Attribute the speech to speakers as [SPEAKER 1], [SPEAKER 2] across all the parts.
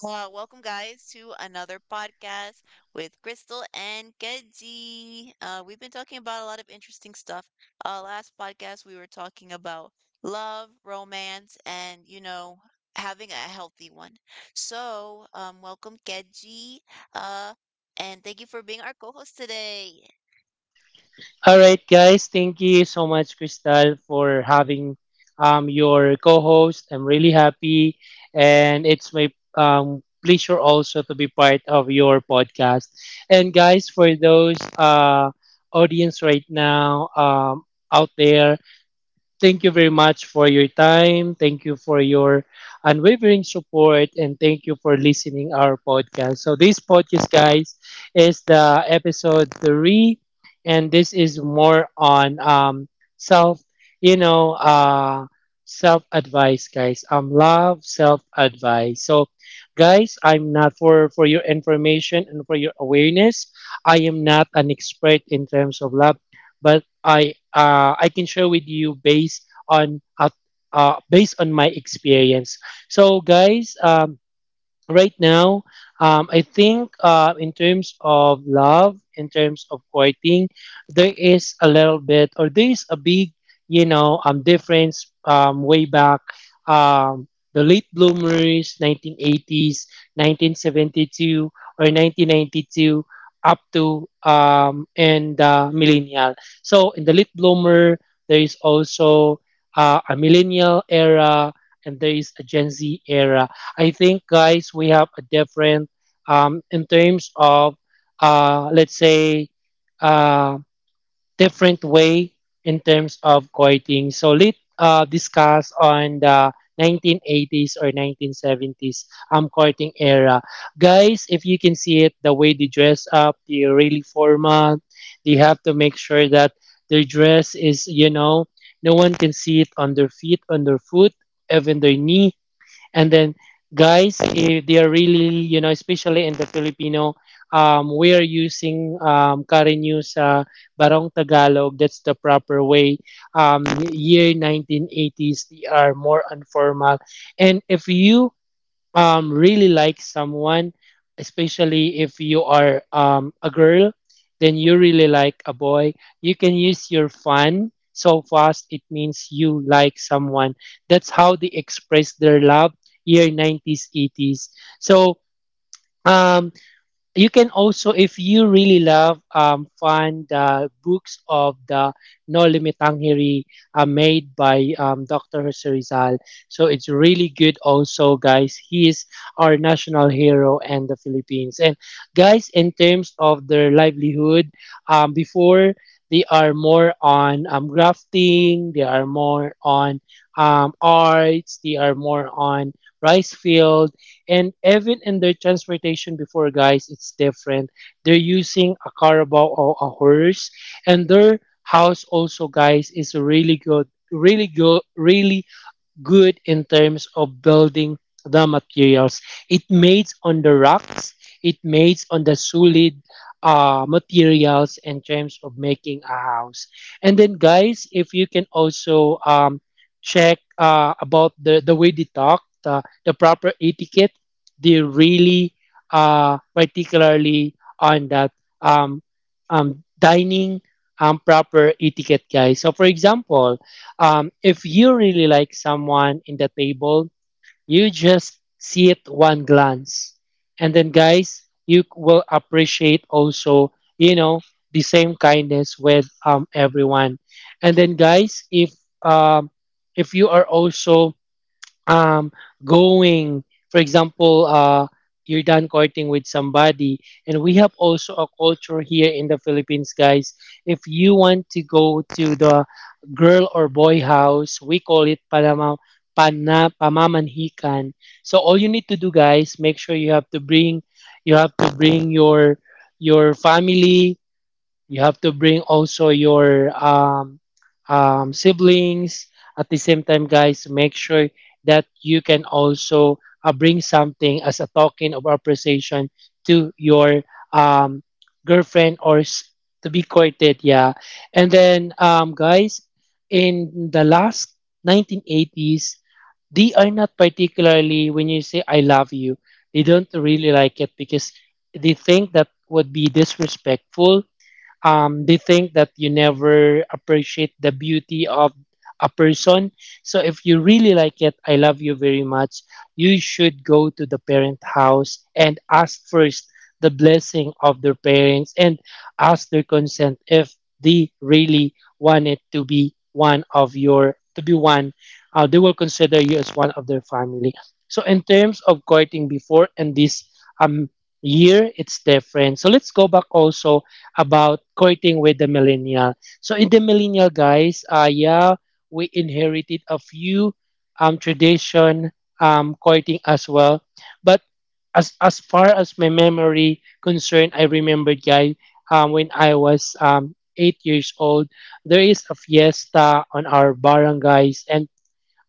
[SPEAKER 1] Welcome, guys, to another podcast with Crystal and Kedzi. We've been talking about a lot of interesting stuff. Last podcast, we were talking about love, romance, and, you know, having a healthy one. So, welcome, Kedzi. Uh, and thank you for being our co host today.
[SPEAKER 2] All right, guys. Thank you so much, Crystal, for having your co-host. I'm really happy, and it's my pleasure also to be part of your podcast. And guys, for those audience right now out there, thank you very much for your time. Thank you for your unwavering support, and thank you for listening our podcast. So this podcast guys is the episode 3, and this is more on self, you know, uh self advice guys. Love self advice. So guys, I'm not for your information and for your awareness, I am not an expert in terms of love, but I can share with you based on based on my experience. So guys, right now, I think in terms of love, in terms of courting, there is a little bit, or there is a big, difference way back. Um, the late bloomers, 1980s, 1972, or 1992, up to and millennial. So in the late bloomer, there is also a millennial era, and there is a Gen Z era. I think, guys, we have a different in terms of let's say uh, different way in terms of courting. So let's discuss on the 1980s or 1970s courting era, guys. If you can see it, the way they dress up, they're really formal. They have to make sure that their dress is, you know, no one can see it on their feet, on their foot, even their knee. And then, guys, if they are really, you know, especially in the Filipino, we are using current news Barong Tagalog. That's the proper way. Um, Year 1980s, they are more informal. And if you really like someone, especially if you are a girl, then you really like a boy, you can use your fan so fast, it means you like someone. That's how they express their love, year 90s, 80s. So um you can also, if you really love, find the books of the no limit tanghiri made by dr Jose Rizal. So it's really good also guys, he is our national hero and the philippines. And guys, in terms of their livelihood, before, they are more on grafting, they are more on arts, they are more on rice fields. And even in their transportation before, guys, it's different. They're using a caravan or a horse, and their house also, guys, is really good, really good, really good in terms of building the materials. It mates on the rocks, it mates on the solid materials in terms of making a house. And then, guys, if you can also check about the way they talk, the proper etiquette, they really particularly on that um, dining proper etiquette, guys. So, for example, if you really like someone in the table, you just see it one glance. And then, guys, you will appreciate also, you know, the same kindness with everyone. And then, guys, um, if you are also um going, for example, you're done courting with somebody, and we have also a culture here in the philippines guys, if you want to go to the girl or boy house, we call it panama, pamamanhikan. So all you need to do guys, make sure you have to bring your family. You have to bring also your siblings. At the same time, guys, make sure that you can also bring something as a token of appreciation to your um, girlfriend or to be courted. Yeah. And then, guys, in the last 1980s, they are not particularly, when you say I love you, they don't really like it because they think that would be disrespectful. They think that you never appreciate the beauty of a person. So if you really like it, I love you very much. You should go to the parent house and ask first the blessing of their parents and ask their consent if they really want it to be one of your to be one. They will consider you as one of their family. So in terms of courting before and this um year, it's different. So let's go back also about courting with the millennial. So in the millennial guys, yeah, we inherited a few tradition, courting as well. But as far as my memory concerned, I remembered guys when I was 8 years old, there is a fiesta on our barangays. And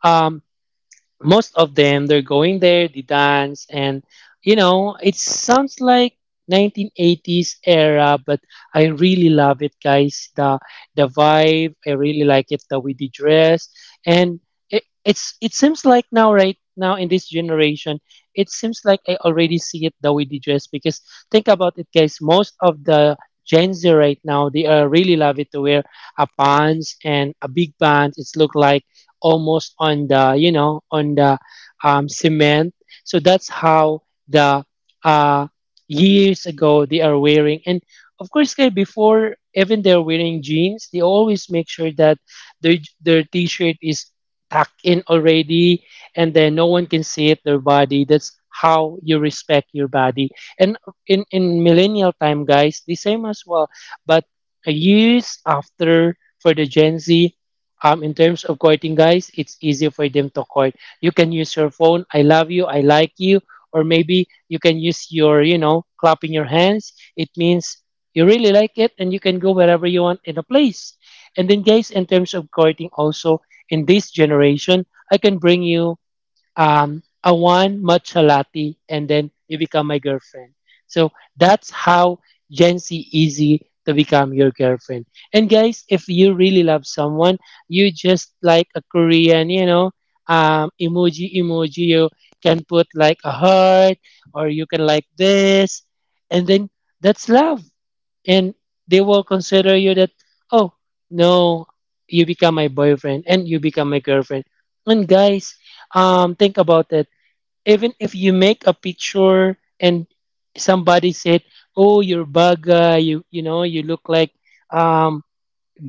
[SPEAKER 2] um most of them they're going there, they dance, and you know it sounds like 1980s era. But I really love it guys, the vibe, I really like it the way they dress. And it seems like now right now in this generation, it seems like I already see it the way they dress. Because think about it guys, most of the gen z right now, they are really love it to wear a pants and a big pants, it's look like almost on the, you know, on the cement. So that's how the uh, years ago they are wearing. And of course guys, before even they're wearing jeans, they always make sure that their their t-shirt is tucked in already, and then no one can see it their body. That's how you respect your body. And in millennial time guys, the same as well. But years after, for the gen z, in terms of courting guys, it's easier for them to court. You can use your phone, I love you, I like you. Or maybe you can use your, you know, clapping your hands, it means you really like it. And you can go wherever you want in a place. And then guys, in terms of courting also, in this generation, I can bring you a one matcha latte, and then you become my girlfriend. So that's how Gen Z easy to become your girlfriend. And guys, if you really love someone, you just like a Korean, you know, emoji. You can put like a heart, or you can like this, and then that's love. And they will consider you that, oh no, you become my boyfriend and you become my girlfriend. And guys, think about it. Even if you make a picture and somebody said, oh you're baga, you know, you look like um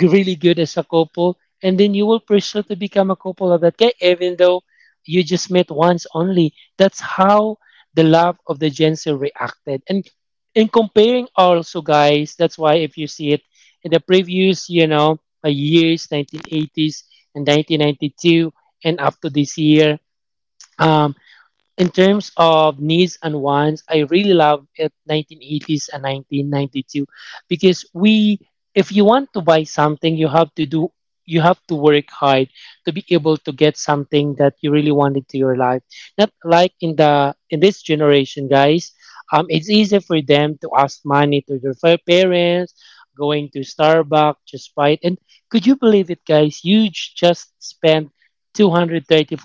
[SPEAKER 2] really good as a couple, and then you will pursue to become a couple of that guy even though you just met once only. That's how the love of the gen Z reacted. And in comparing also guys, that's why if you see it in the previous, you know, years 1980s and 1992 and up to this year. um, In terms of needs and wants, I really love it 1980s and 1992, because we, if you want to buy something, you have to do, you have to work hard to be able to get something that you really wanted to your life. Not like in the in this generation, guys. It's easy for them to ask money to their parents, going to Starbucks, just buy it. And could you believe it, guys? You just spent 230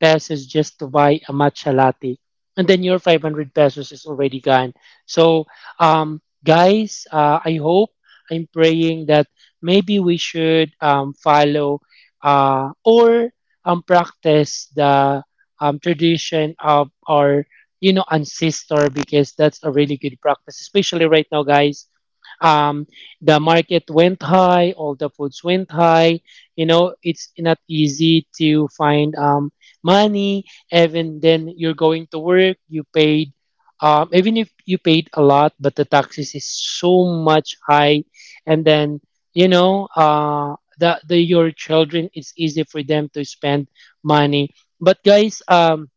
[SPEAKER 2] pesos just to buy a matcha latte. And then your 500 pesos is already gone. So, guys, I hope, I'm praying that maybe we should follow or practice the tradition of our, you know, ancestor, because that's a really good practice especially right now guys. um, the market went high, all the foods went high. You know, it's not easy to find money. Even then, you're going to work, you paid, even if you paid a lot, but the taxes is so much high. And then, you know, the your children, it's easy for them to spend money. But guys,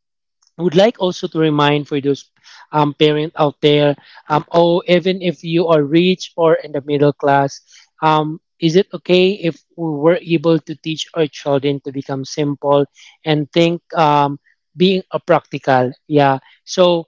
[SPEAKER 2] would like also to remind for those parents out there, oh even if you are rich or in the middle class, is it okay if we were able to teach our children to become simple, and think being a practical, yeah. So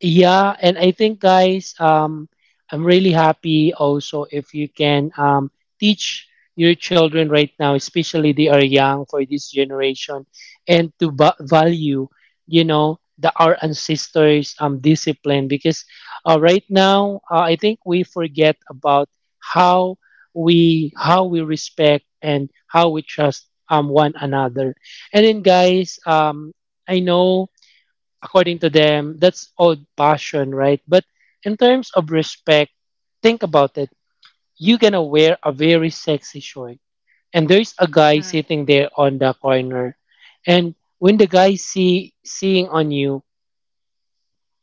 [SPEAKER 2] yeah, and I think guys, I'm really happy also if you can teach your children right now, especially they are young for this generation, and to value, you know, the our ancestors' discipline. Because right now I think we forget about how how we respect and how we trust one another. And then guys, I know according to them, that's old passion, right? But in terms of respect, think about it. You're gonna wear a very sexy shirt, and there's a guy sitting there on the corner, and when the guy seeing on you,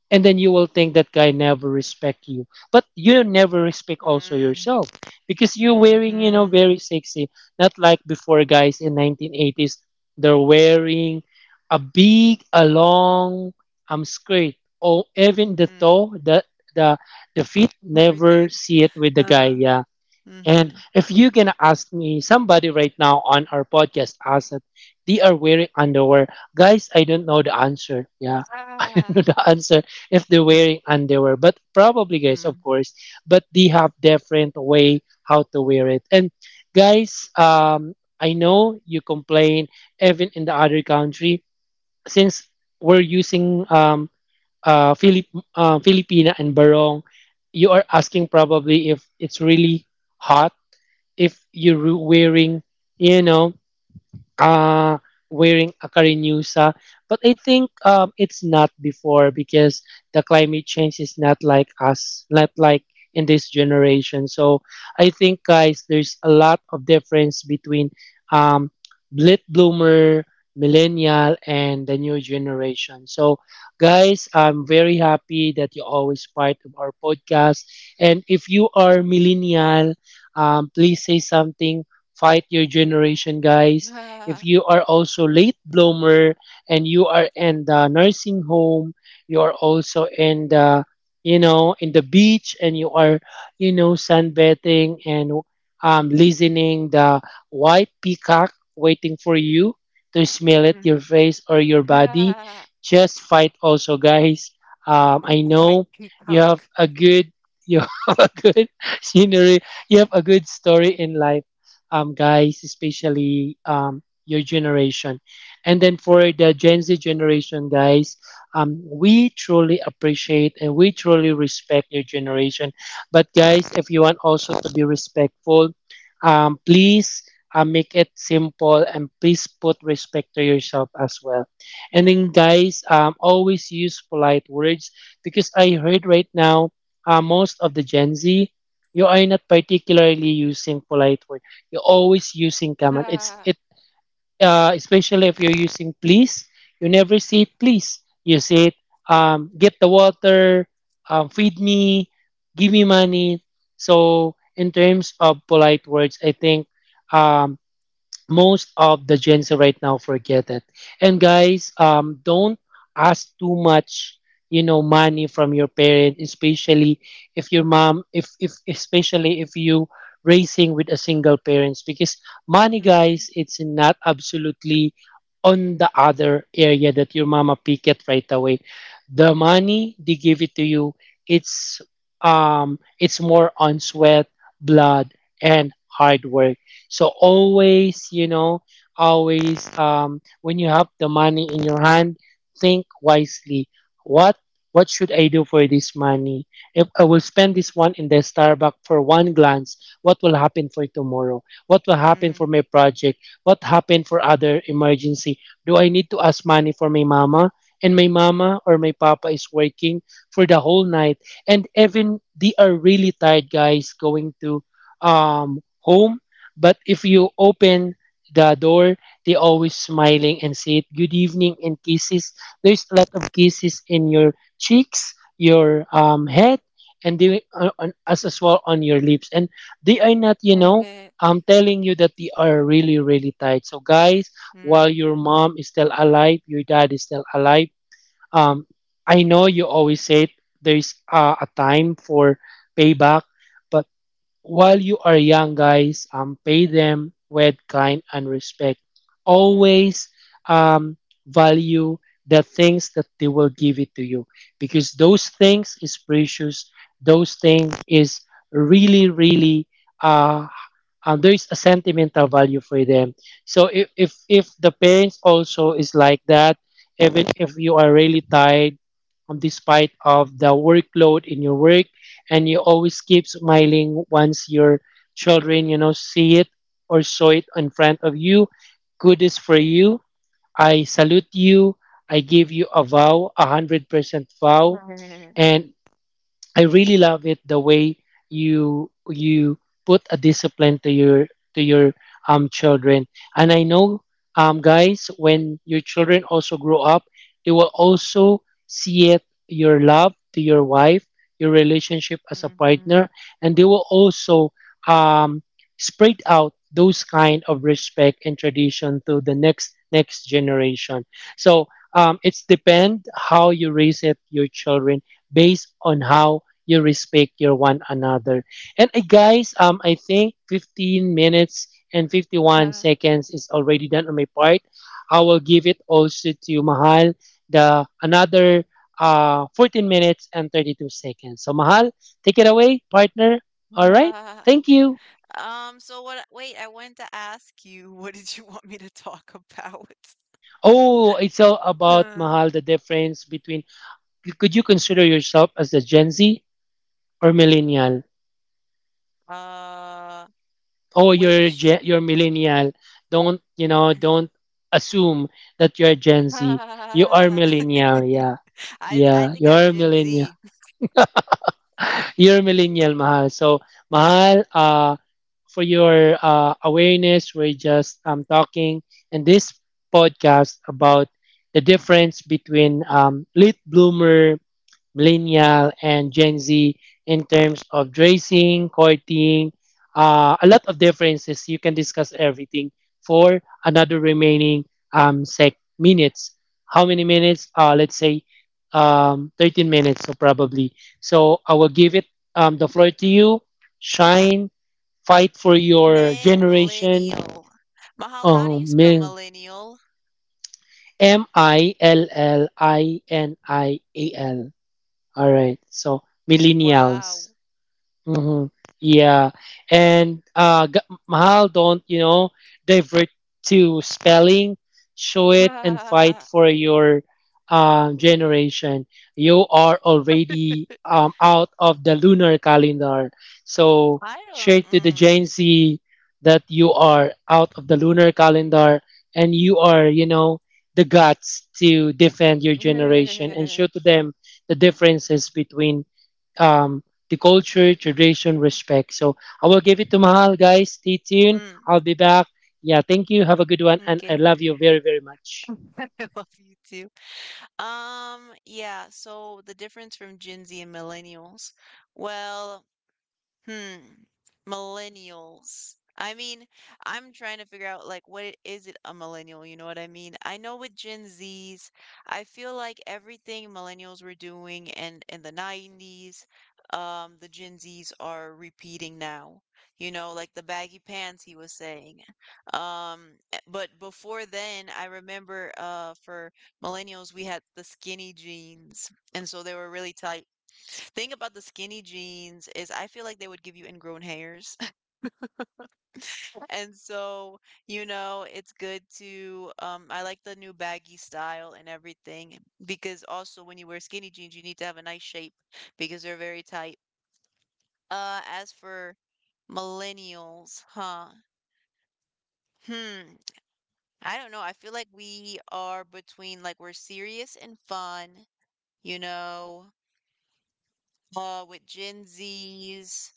[SPEAKER 2] and then you will think that guy never respect you, but you never respect also yourself because you're
[SPEAKER 1] Mm-hmm.
[SPEAKER 2] wearing, you know
[SPEAKER 1] Mm-hmm.
[SPEAKER 2] very sexy not like before, guys, in 1980s. They're wearing a big a long skirt, or even the the feet never see it with the guy.
[SPEAKER 1] Uh,
[SPEAKER 2] Yeah. And
[SPEAKER 1] mm-hmm.
[SPEAKER 2] if you're gonna ask me, somebody right now on our podcast asked that they are wearing underwear. Guys, I don't know the answer. Yeah, I don't know
[SPEAKER 1] Ah.
[SPEAKER 2] the answer if they're wearing underwear, but probably, guys,
[SPEAKER 1] Mm-hmm.
[SPEAKER 2] of course. But they have different way how to wear it. And guys, I know you complain even in the other country since we're using Filip Filipina and Barong. You are asking probably if it's really hot if you're wearing, you know, uh, wearing a akarinyusa. But I think, it's not before, because the climate change is not like us, not like in this generation. So I think, guys, there's a lot of difference between um, late bloomer, millennial, and the new generation. So, guys, I'm very happy that you're always part of our podcast. And if you are millennial, please say something. Fight your generation, guys, if
[SPEAKER 1] Ah.
[SPEAKER 2] you are also late bloomer and you are in the nursing home, you are also in the, you know, in the beach, and you are, you know, sunbathing and, listening the white peacock waiting for you to smell it your face or your body.
[SPEAKER 1] Ah,
[SPEAKER 2] Just fight also, guys. I
[SPEAKER 1] White
[SPEAKER 2] know you have
[SPEAKER 1] peacock.
[SPEAKER 2] a good you have a good scenery. You have a good story in life, guys. Especially, your generation. And then for the Gen Z generation, guys, we truly appreciate and we truly respect your generation. But guys, if you want also to be respectful, please make it simple and please put respect to yourself as well. And then,
[SPEAKER 1] Mm.
[SPEAKER 2] guys, always use polite words, because I heard right now, most of the Gen Z. You are not particularly using polite words. You're always using command. It's
[SPEAKER 1] Ah.
[SPEAKER 2] it Especially if you're using please, you never say it please. You say it, get the water, feed me, give me money. So in terms of polite words, I think, um, most of the gens right now forget it. And guys, don't ask too much, you know, money from your parent, especially if your mom, if especially if you raising with a single parents, because money, guys,
[SPEAKER 1] Mm.
[SPEAKER 2] it's not absolutely on the other area that your mama pick it right away. The money they give it to you, it's, it's more on sweat, blood, and hard work. So
[SPEAKER 1] Mm.
[SPEAKER 2] always, you know, always, when you have the money in your hand, think wisely. What what should I do for this money? If I will spend this one in the Starbucks for one glance, what will happen for tomorrow? What will happen for
[SPEAKER 1] Mm.
[SPEAKER 2] my project? What happened for other emergency? Do I need to ask money for my mama? And my mama or my papa is working for the whole night. And even they are really tired, guys, going to home. But if you open the door, they always smiling and say good evening and kisses. There's a lot of kisses in your cheeks, your, head, and they, on, as well on your lips. And they are not, you know,
[SPEAKER 1] Mm.
[SPEAKER 2] I'm telling you that they are really, really tight. So guys, while
[SPEAKER 1] Mm.
[SPEAKER 2] your mom is still alive, your dad is still alive. Um, I know you always say it, there's, a time for payback, but. While you are young, guys, pay them with kind and respect.
[SPEAKER 1] Mm.
[SPEAKER 2] Always, um, value the things that they will give it to you, because those things is precious. Those things is really, really, uh, there is a sentimental value for them. So if the pains also is like that, even if you are really tired, despite of the workload in your work, and you always keep smiling once your children, you know, see it or saw it in front of you, good is for
[SPEAKER 1] Mm.
[SPEAKER 2] you. I salute you. I give you a vow, 100% vow,
[SPEAKER 1] Mm.
[SPEAKER 2] and I really love it the way you put a discipline to your children. And I know, guys, when your children also grow up, they will also see it your love to your wife, your relationship as a
[SPEAKER 1] Mhm.
[SPEAKER 2] partner, and they will also um spread out those kind of respect and tradition to the next generation. So, it's depend how you raise it your children based on how you respect your one another. And guys, I think 15 minutes and 51
[SPEAKER 1] Ah,
[SPEAKER 2] seconds is already done on my part. I will give it also to Mahal the another 14 minutes and 32 seconds. So Mahal, take it away, partner. All right,
[SPEAKER 1] ah.
[SPEAKER 2] thank you.
[SPEAKER 1] So what wait, I wanted to ask you, what did you want me to talk about?
[SPEAKER 2] Oh, it's all about
[SPEAKER 1] Uh,
[SPEAKER 2] Mahal the difference between. Could you consider yourself as a Gen Z or millennial?
[SPEAKER 1] uh,
[SPEAKER 2] Oh, you're a
[SPEAKER 1] which
[SPEAKER 2] you're millennial. Don't you know, don't assume that you're Gen Z. You are
[SPEAKER 1] ah,
[SPEAKER 2] millennial. Yeah.
[SPEAKER 1] I
[SPEAKER 2] Yeah,
[SPEAKER 1] think I'm
[SPEAKER 2] you're
[SPEAKER 1] Gen
[SPEAKER 2] millennial.
[SPEAKER 1] Z.
[SPEAKER 2] You're millennial, Mahal. So Mahal, for your awareness, we're just, talking in this podcast about the difference between, late bloomer, millennial, and Gen Z, in terms of dressing, courting, a lot of differences. You can discuss everything for another remaining, sec minutes. How many minutes? Let's say, 13 minutes, so probably. So I will give it, the floor to you. Shine, fight for your generation.
[SPEAKER 1] Millennial. Mahal, how do
[SPEAKER 2] Um,
[SPEAKER 1] you spell
[SPEAKER 2] mil-
[SPEAKER 1] millennial?
[SPEAKER 2] MILLINIAL. All right. So
[SPEAKER 1] Wow.
[SPEAKER 2] millennials. Hmm. Yeah, and Mahal, don't you know, divert to spelling, show it, and fight
[SPEAKER 1] Ah.
[SPEAKER 2] for your, generation. You are already, out of the lunar calendar, so
[SPEAKER 1] I Claro.
[SPEAKER 2] share to the Gen
[SPEAKER 1] Mm.
[SPEAKER 2] Z that you are out of the lunar calendar, and you are, you know, the guts to defend your generation and show to them the differences between, um, the culture, tradition, respect. So I will give it to Mahal, guys. Stay tuned.
[SPEAKER 1] Mm,
[SPEAKER 2] I'll be back. Yeah, thank you. Have a good one, and I
[SPEAKER 1] okay.
[SPEAKER 2] love you very, very much.
[SPEAKER 1] I love you too. Yeah, so the difference from Gen Z and millennials. Well, Hmm, millennials. I mean, I'm trying to figure out like what it is it a millennial, you know what I mean? I know with Gen Zs, I feel like everything millennials were doing and in the 90s, the Gen Zs are repeating now. You know, like the baggy pants he was saying. But before then, I remember for millennials we had the skinny jeans, and so they were really tight. Thing about the skinny jeans is I feel like they would give you ingrown hairs. And so, you know, it's good to I like the new baggy style and everything because also when you wear skinny jeans, you need to have a nice shape because they're very tight. As for millennials, huh? Hmm. I don't know. I feel like we are between like we're serious and fun, you know, with Gen Zs.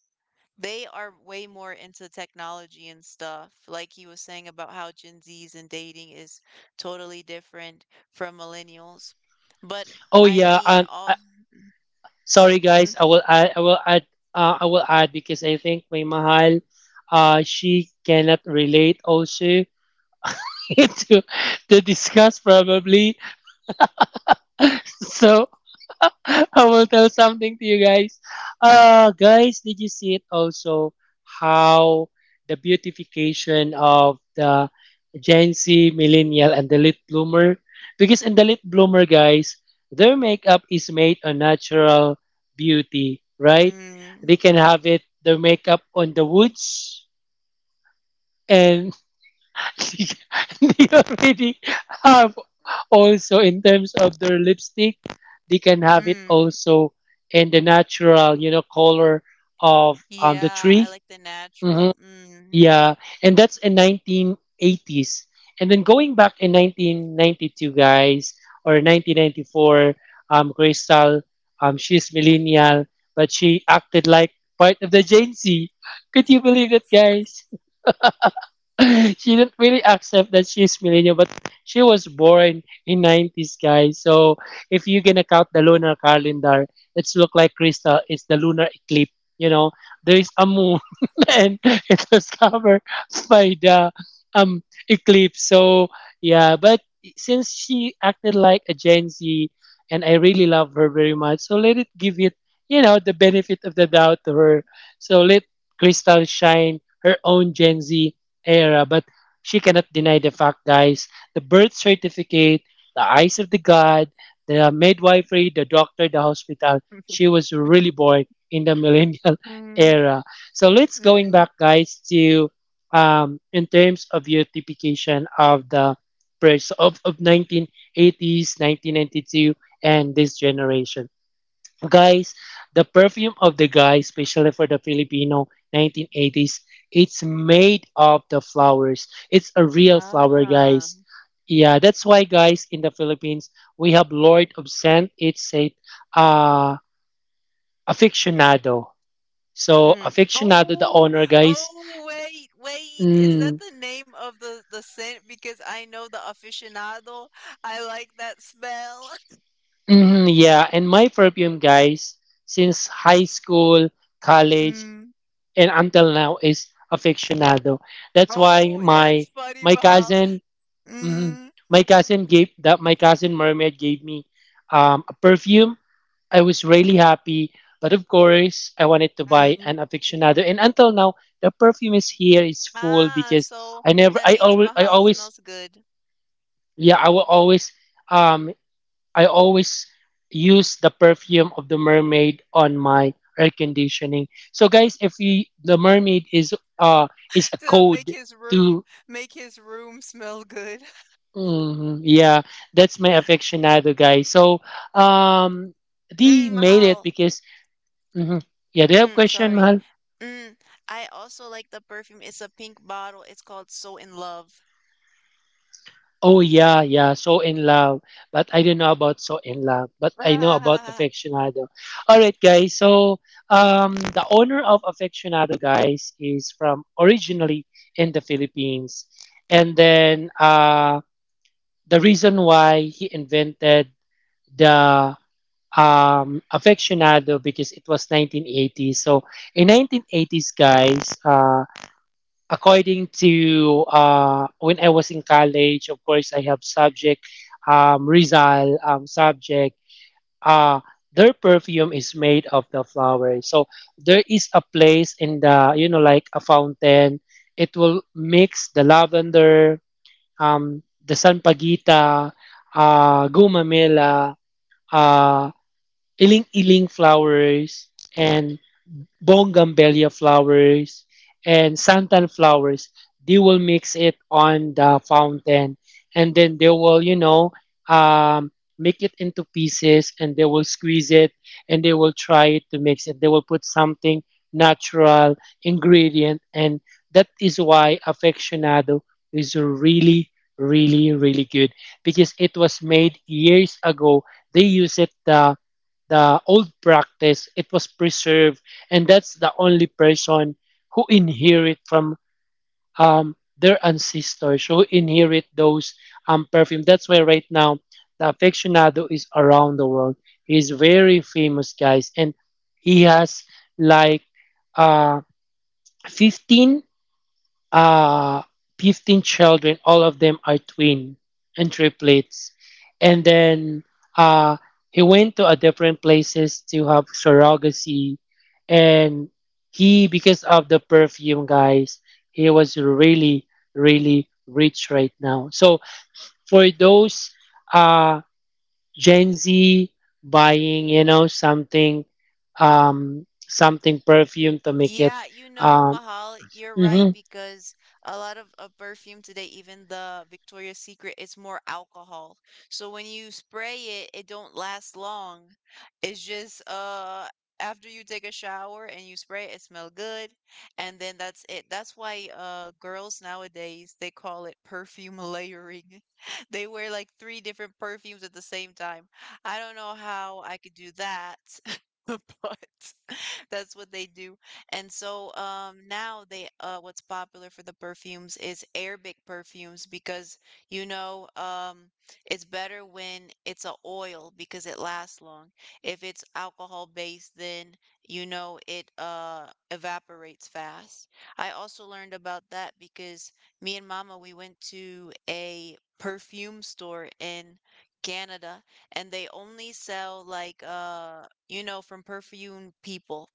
[SPEAKER 1] They are way more into technology and stuff. Like he was saying about how Gen Zs and dating is totally different from millennials. But
[SPEAKER 2] Oh
[SPEAKER 1] I
[SPEAKER 2] yeah,
[SPEAKER 1] mean, all.
[SPEAKER 2] sorry
[SPEAKER 1] Hmm?
[SPEAKER 2] guys, I will add, because I think my Mahal, she cannot relate also to to discuss probably. So I will tell something to you guys. Guys, did you see it also how the beautification of the Gen Z, millennial, and the late bloomer? Because in the late bloomer, guys, their makeup is made on natural beauty, right?
[SPEAKER 1] Mm,
[SPEAKER 2] They can have it their makeup on the woods, and they already have, also in terms of their lipstick they can have it
[SPEAKER 1] mm.
[SPEAKER 2] also in the natural, you know, color of, the
[SPEAKER 1] Yeah, I
[SPEAKER 2] tree.
[SPEAKER 1] like the natural.
[SPEAKER 2] Hmm.
[SPEAKER 1] Mm.
[SPEAKER 2] Yeah. And that's in 1980s, and then going back in 1992, guys, or 1994, crystal, she's millennial, but she acted like part of the Gen Z. Could you believe it, guys? She didn't really accept that she's millennial, but she was born in 90s, guys. So if you're gonna count the lunar calendar, it's look like Crystal. It's the lunar eclipse. You know, there is a moon, and it was covered by the um eclipse. So yeah, but since she acted like a Gen Z, and I really love her very much, so let it give it, you know, the benefit of the doubt to her. So let Crystal shine her own Gen Z era, but she cannot deny the fact, guys. The birth certificate, the eyes of the God, the midwifery, the doctor, the hospital. She was really born in the millennial
[SPEAKER 1] Mm,
[SPEAKER 2] era. So let's going
[SPEAKER 1] mm.
[SPEAKER 2] back, guys, to, in terms of your typification of the pers- of 1980s, 1992, and this generation. Guys, the perfume of the guy, especially for the Filipino 1980s, it's made of the flowers. It's a real flower,
[SPEAKER 1] Ah,
[SPEAKER 2] guys.
[SPEAKER 1] mm.
[SPEAKER 2] Yeah, that's why, guys, in the Philippines, we have Lord of Scent. It's a, uh, aficionado. So, aficionado, the
[SPEAKER 1] Oh,
[SPEAKER 2] owner, guys.
[SPEAKER 1] oh, wait, wait. Is that
[SPEAKER 2] Mm,
[SPEAKER 1] the name of the scent? Because I know the aficionado. I like that smell.
[SPEAKER 2] mhm, yeah, and my perfume, guys, since high school, college,
[SPEAKER 1] Mm.
[SPEAKER 2] and until now is aficionado. That's why
[SPEAKER 1] Oh, that's
[SPEAKER 2] my
[SPEAKER 1] funny,
[SPEAKER 2] my
[SPEAKER 1] Mahal.
[SPEAKER 2] cousin. Mm,
[SPEAKER 1] Mm,
[SPEAKER 2] my cousin gave that, my cousin mermaid gave me, a perfume. I was really happy, but of course I wanted to buy
[SPEAKER 1] mm.
[SPEAKER 2] an aficionado, and until now the perfume is here is full,
[SPEAKER 1] Ah,
[SPEAKER 2] because
[SPEAKER 1] so
[SPEAKER 2] I never
[SPEAKER 1] that
[SPEAKER 2] I
[SPEAKER 1] means
[SPEAKER 2] always I
[SPEAKER 1] Mahal
[SPEAKER 2] always.
[SPEAKER 1] smells good.
[SPEAKER 2] Yeah, I will always, um I always use the perfume of the mermaid on my air conditioning. So guys, if we, the mermaid is, uh is a
[SPEAKER 1] To
[SPEAKER 2] code to.
[SPEAKER 1] make his room smell good.
[SPEAKER 2] Mm, yeah, that's my aficionado guy. So, um they
[SPEAKER 1] Mm,
[SPEAKER 2] made it
[SPEAKER 1] Mahal.
[SPEAKER 2] because. Mhm. Yeah, do you have
[SPEAKER 1] Mm,
[SPEAKER 2] question,
[SPEAKER 1] sorry.
[SPEAKER 2] Mahal?
[SPEAKER 1] Mm, I also like the perfume. It's a pink bottle. It's called So in Love.
[SPEAKER 2] Oh yeah, yeah. So in love, but I don't know about so in love, but I know about aficionado. All right, guys. The owner of aficionado, guys, is from originally in the Philippines, and then the reason why he invented the aficionado because it was 1980s. So in 1980s, guys, according to when I was in college, of course, I have subject Rizal subject. Uh, their perfume is made of the flowers. So there is a place in the like a fountain. It will mix the lavender, the sanpagita, gumamela, uh, iling-iling flowers, and bougainvillea flowers, and santan flowers. They will mix it on the fountain, and then they will, um, make it into pieces, and they will squeeze it, and they will try to mix it. They will put something natural ingredient, and that is why aficionado is really, really, really good because it was made years ago. They use it the old practice. It was preserved, and that's the only person who inherit from their ancestors, who inherit those perfume. That's why right now the aficionado is around the world. He's very famous, guys, and he has like uh, 15 uh 15 children. All of them are twin and triplets, and then uh he went to a different places to have surrogacy, and he, because of the perfume, guys, he was really, really rich right now. So for those uh gen z buying something, something perfume to make it
[SPEAKER 1] Yeah, you know,
[SPEAKER 2] um
[SPEAKER 1] Mahal, you're right
[SPEAKER 2] mhm.
[SPEAKER 1] because a lot of perfume today, even the Victoria's Secret, it's more alcohol. So when you spray it, it don't last long. It's just after you take a shower and you spray it, it smell good, and then that's it. That's why girls nowadays they call it perfume layering. They wear like three different perfumes at the same time. I don't know how I could do that, but that's what they do. And so Now they what's popular for the perfumes is Arabic perfumes because you know it's better when it's a oil because it lasts long. If it's alcohol based, then you know it evaporates fast. I also learned about that because me and Mama we went to a perfume store in Canada, and they only sell like you know from perfume people,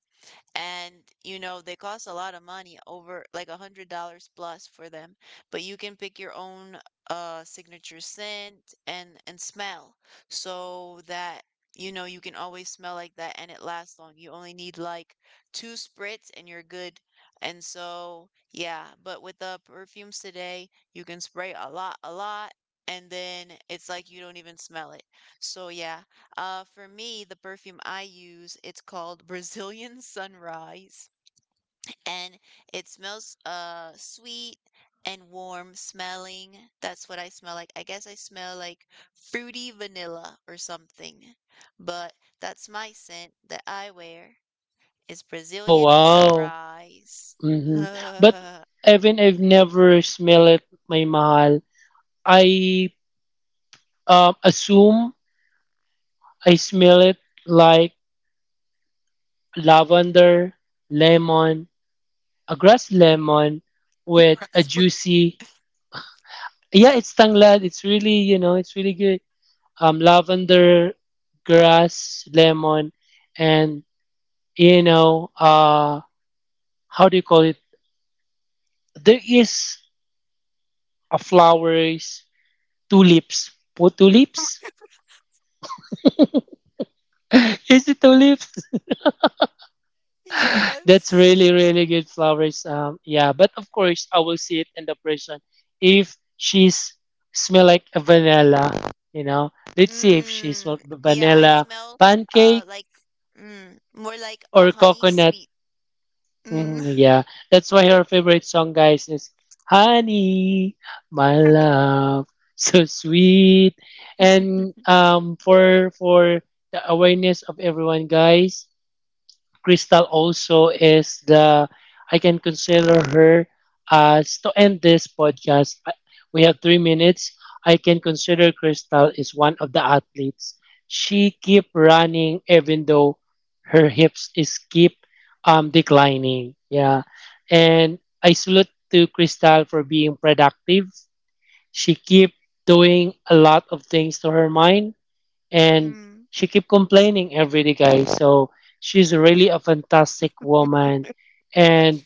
[SPEAKER 1] and you know they cost a lot of money over like $100 plus for them. But you can pick your own signature scent and smell, so that you know you can always smell like that and it lasts long. You only need like two spritz and you're good. And so yeah, but with the perfumes today you can spray a lot, and then it's like you don't even smell it. So yeah, for me, the perfume I use, it's called Brazilian Sunrise, and it smells sweet and warm smelling. That's what I smell like. I guess I smell like fruity vanilla or something. But that's my scent that I wear is
[SPEAKER 2] Oh
[SPEAKER 1] Brazilian
[SPEAKER 2] wow.
[SPEAKER 1] Sunrise.
[SPEAKER 2] hmm but even I've never smell it, my mahal. I assume I smell it like lavender, lemon, a grass lemon with a juicy. Yeah, it's tanglad. It's really, it's really good. Lavender, grass, lemon, and you know, uh, how do you call it? There is a flowers, tulips, po tulips. Is it tulips? That's
[SPEAKER 1] Yes.
[SPEAKER 2] really, really good flowers. Yeah, but of course, I will see it in the person if she's smell like a vanilla. You know, let's see if she smell
[SPEAKER 1] Mm, yeah, I
[SPEAKER 2] vanilla
[SPEAKER 1] smell
[SPEAKER 2] pancake
[SPEAKER 1] like more like a
[SPEAKER 2] or
[SPEAKER 1] honey
[SPEAKER 2] coconut.
[SPEAKER 1] sweet.
[SPEAKER 2] Mm,
[SPEAKER 1] Mm.
[SPEAKER 2] yeah, that's why her favorite song, guys, is "Honey, My Love." So sweet, and for the awareness of everyone, guys, Crystal also is the— I can consider her as— To end this podcast, I- we have 3 minutes. I can consider Crystal is one of the athletes. She keep running even though her hips is keep declining. Yeah, and I salute to Crystal for being productive. She keep doing a lot of things to her mind, and
[SPEAKER 1] Hmm.
[SPEAKER 2] she keep complaining every day, guys. So she's really a fantastic woman, and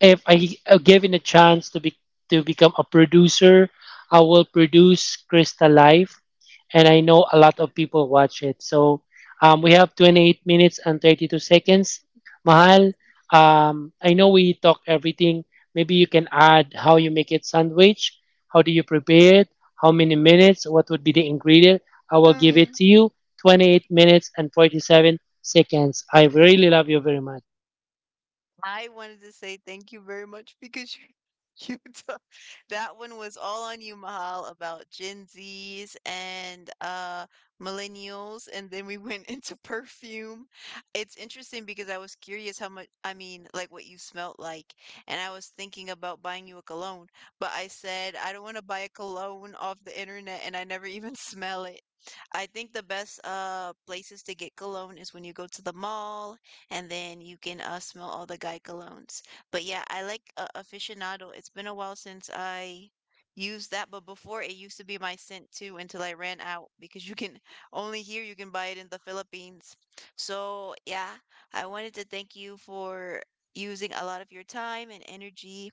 [SPEAKER 2] if I, given a chance to be— to become a producer, I will produce Crystal life, and I know a lot of people watch it. So we have 28 minutes and 32 seconds. Mahal, I know we talk everything. Maybe you can add how you make it sandwich, how do you prepare it, how many minutes, what would be the ingredient. I will give it
[SPEAKER 1] Um,
[SPEAKER 2] to you. 28 minutes and 47 seconds. I really love you very much.
[SPEAKER 1] I wanted to say thank you very much because you, you took that one was all on you, Mahal, about Gen Zs and millennials, and then we went into perfume. It's interesting because I was curious how much, I mean, like what you smelt like, and I was thinking about buying you a cologne, but I said I don't want to buy a cologne off the internet and I never even smell it. I think the best places to get cologne is when you go to the mall, and then you can smell all the guy colognes. But yeah, I like aficionado. It's been a while since I used that, but before it used to be my scent too until I ran out because you can only here you can buy it in the Philippines. So yeah, I wanted to thank you for using a lot of your time and energy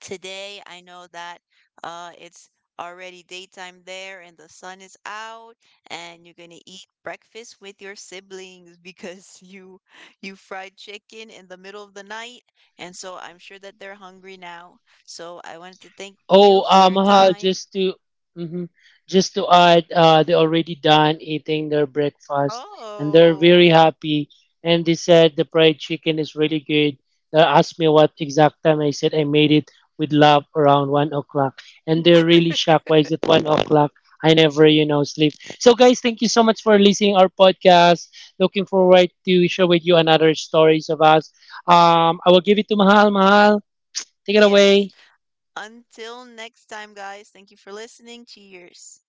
[SPEAKER 1] today. I know that it's already daytime there and the sun is out, and you're gonna eat breakfast with your siblings because you fried chicken in the middle of the night, and so I'm sure that they're hungry now. So I wanted to thank
[SPEAKER 2] Oh,
[SPEAKER 1] you for your
[SPEAKER 2] um, uh,
[SPEAKER 1] time.
[SPEAKER 2] just to mhm, just to add, they already done eating their breakfast, and they're
[SPEAKER 1] Oh,
[SPEAKER 2] very happy. And they said the fried chicken is really good. They asked me what exact time. I said I made it with love around 1 o'clock, and they're really shocked. Why is it 1 o'clock? I never, sleep. So, guys, thank you so much for listening our podcast. Looking forward to share with you another stories of us. I will give it to Mahal. Mahal, take it
[SPEAKER 1] yes,
[SPEAKER 2] away.
[SPEAKER 1] until next time guys, thank you for listening. Cheers.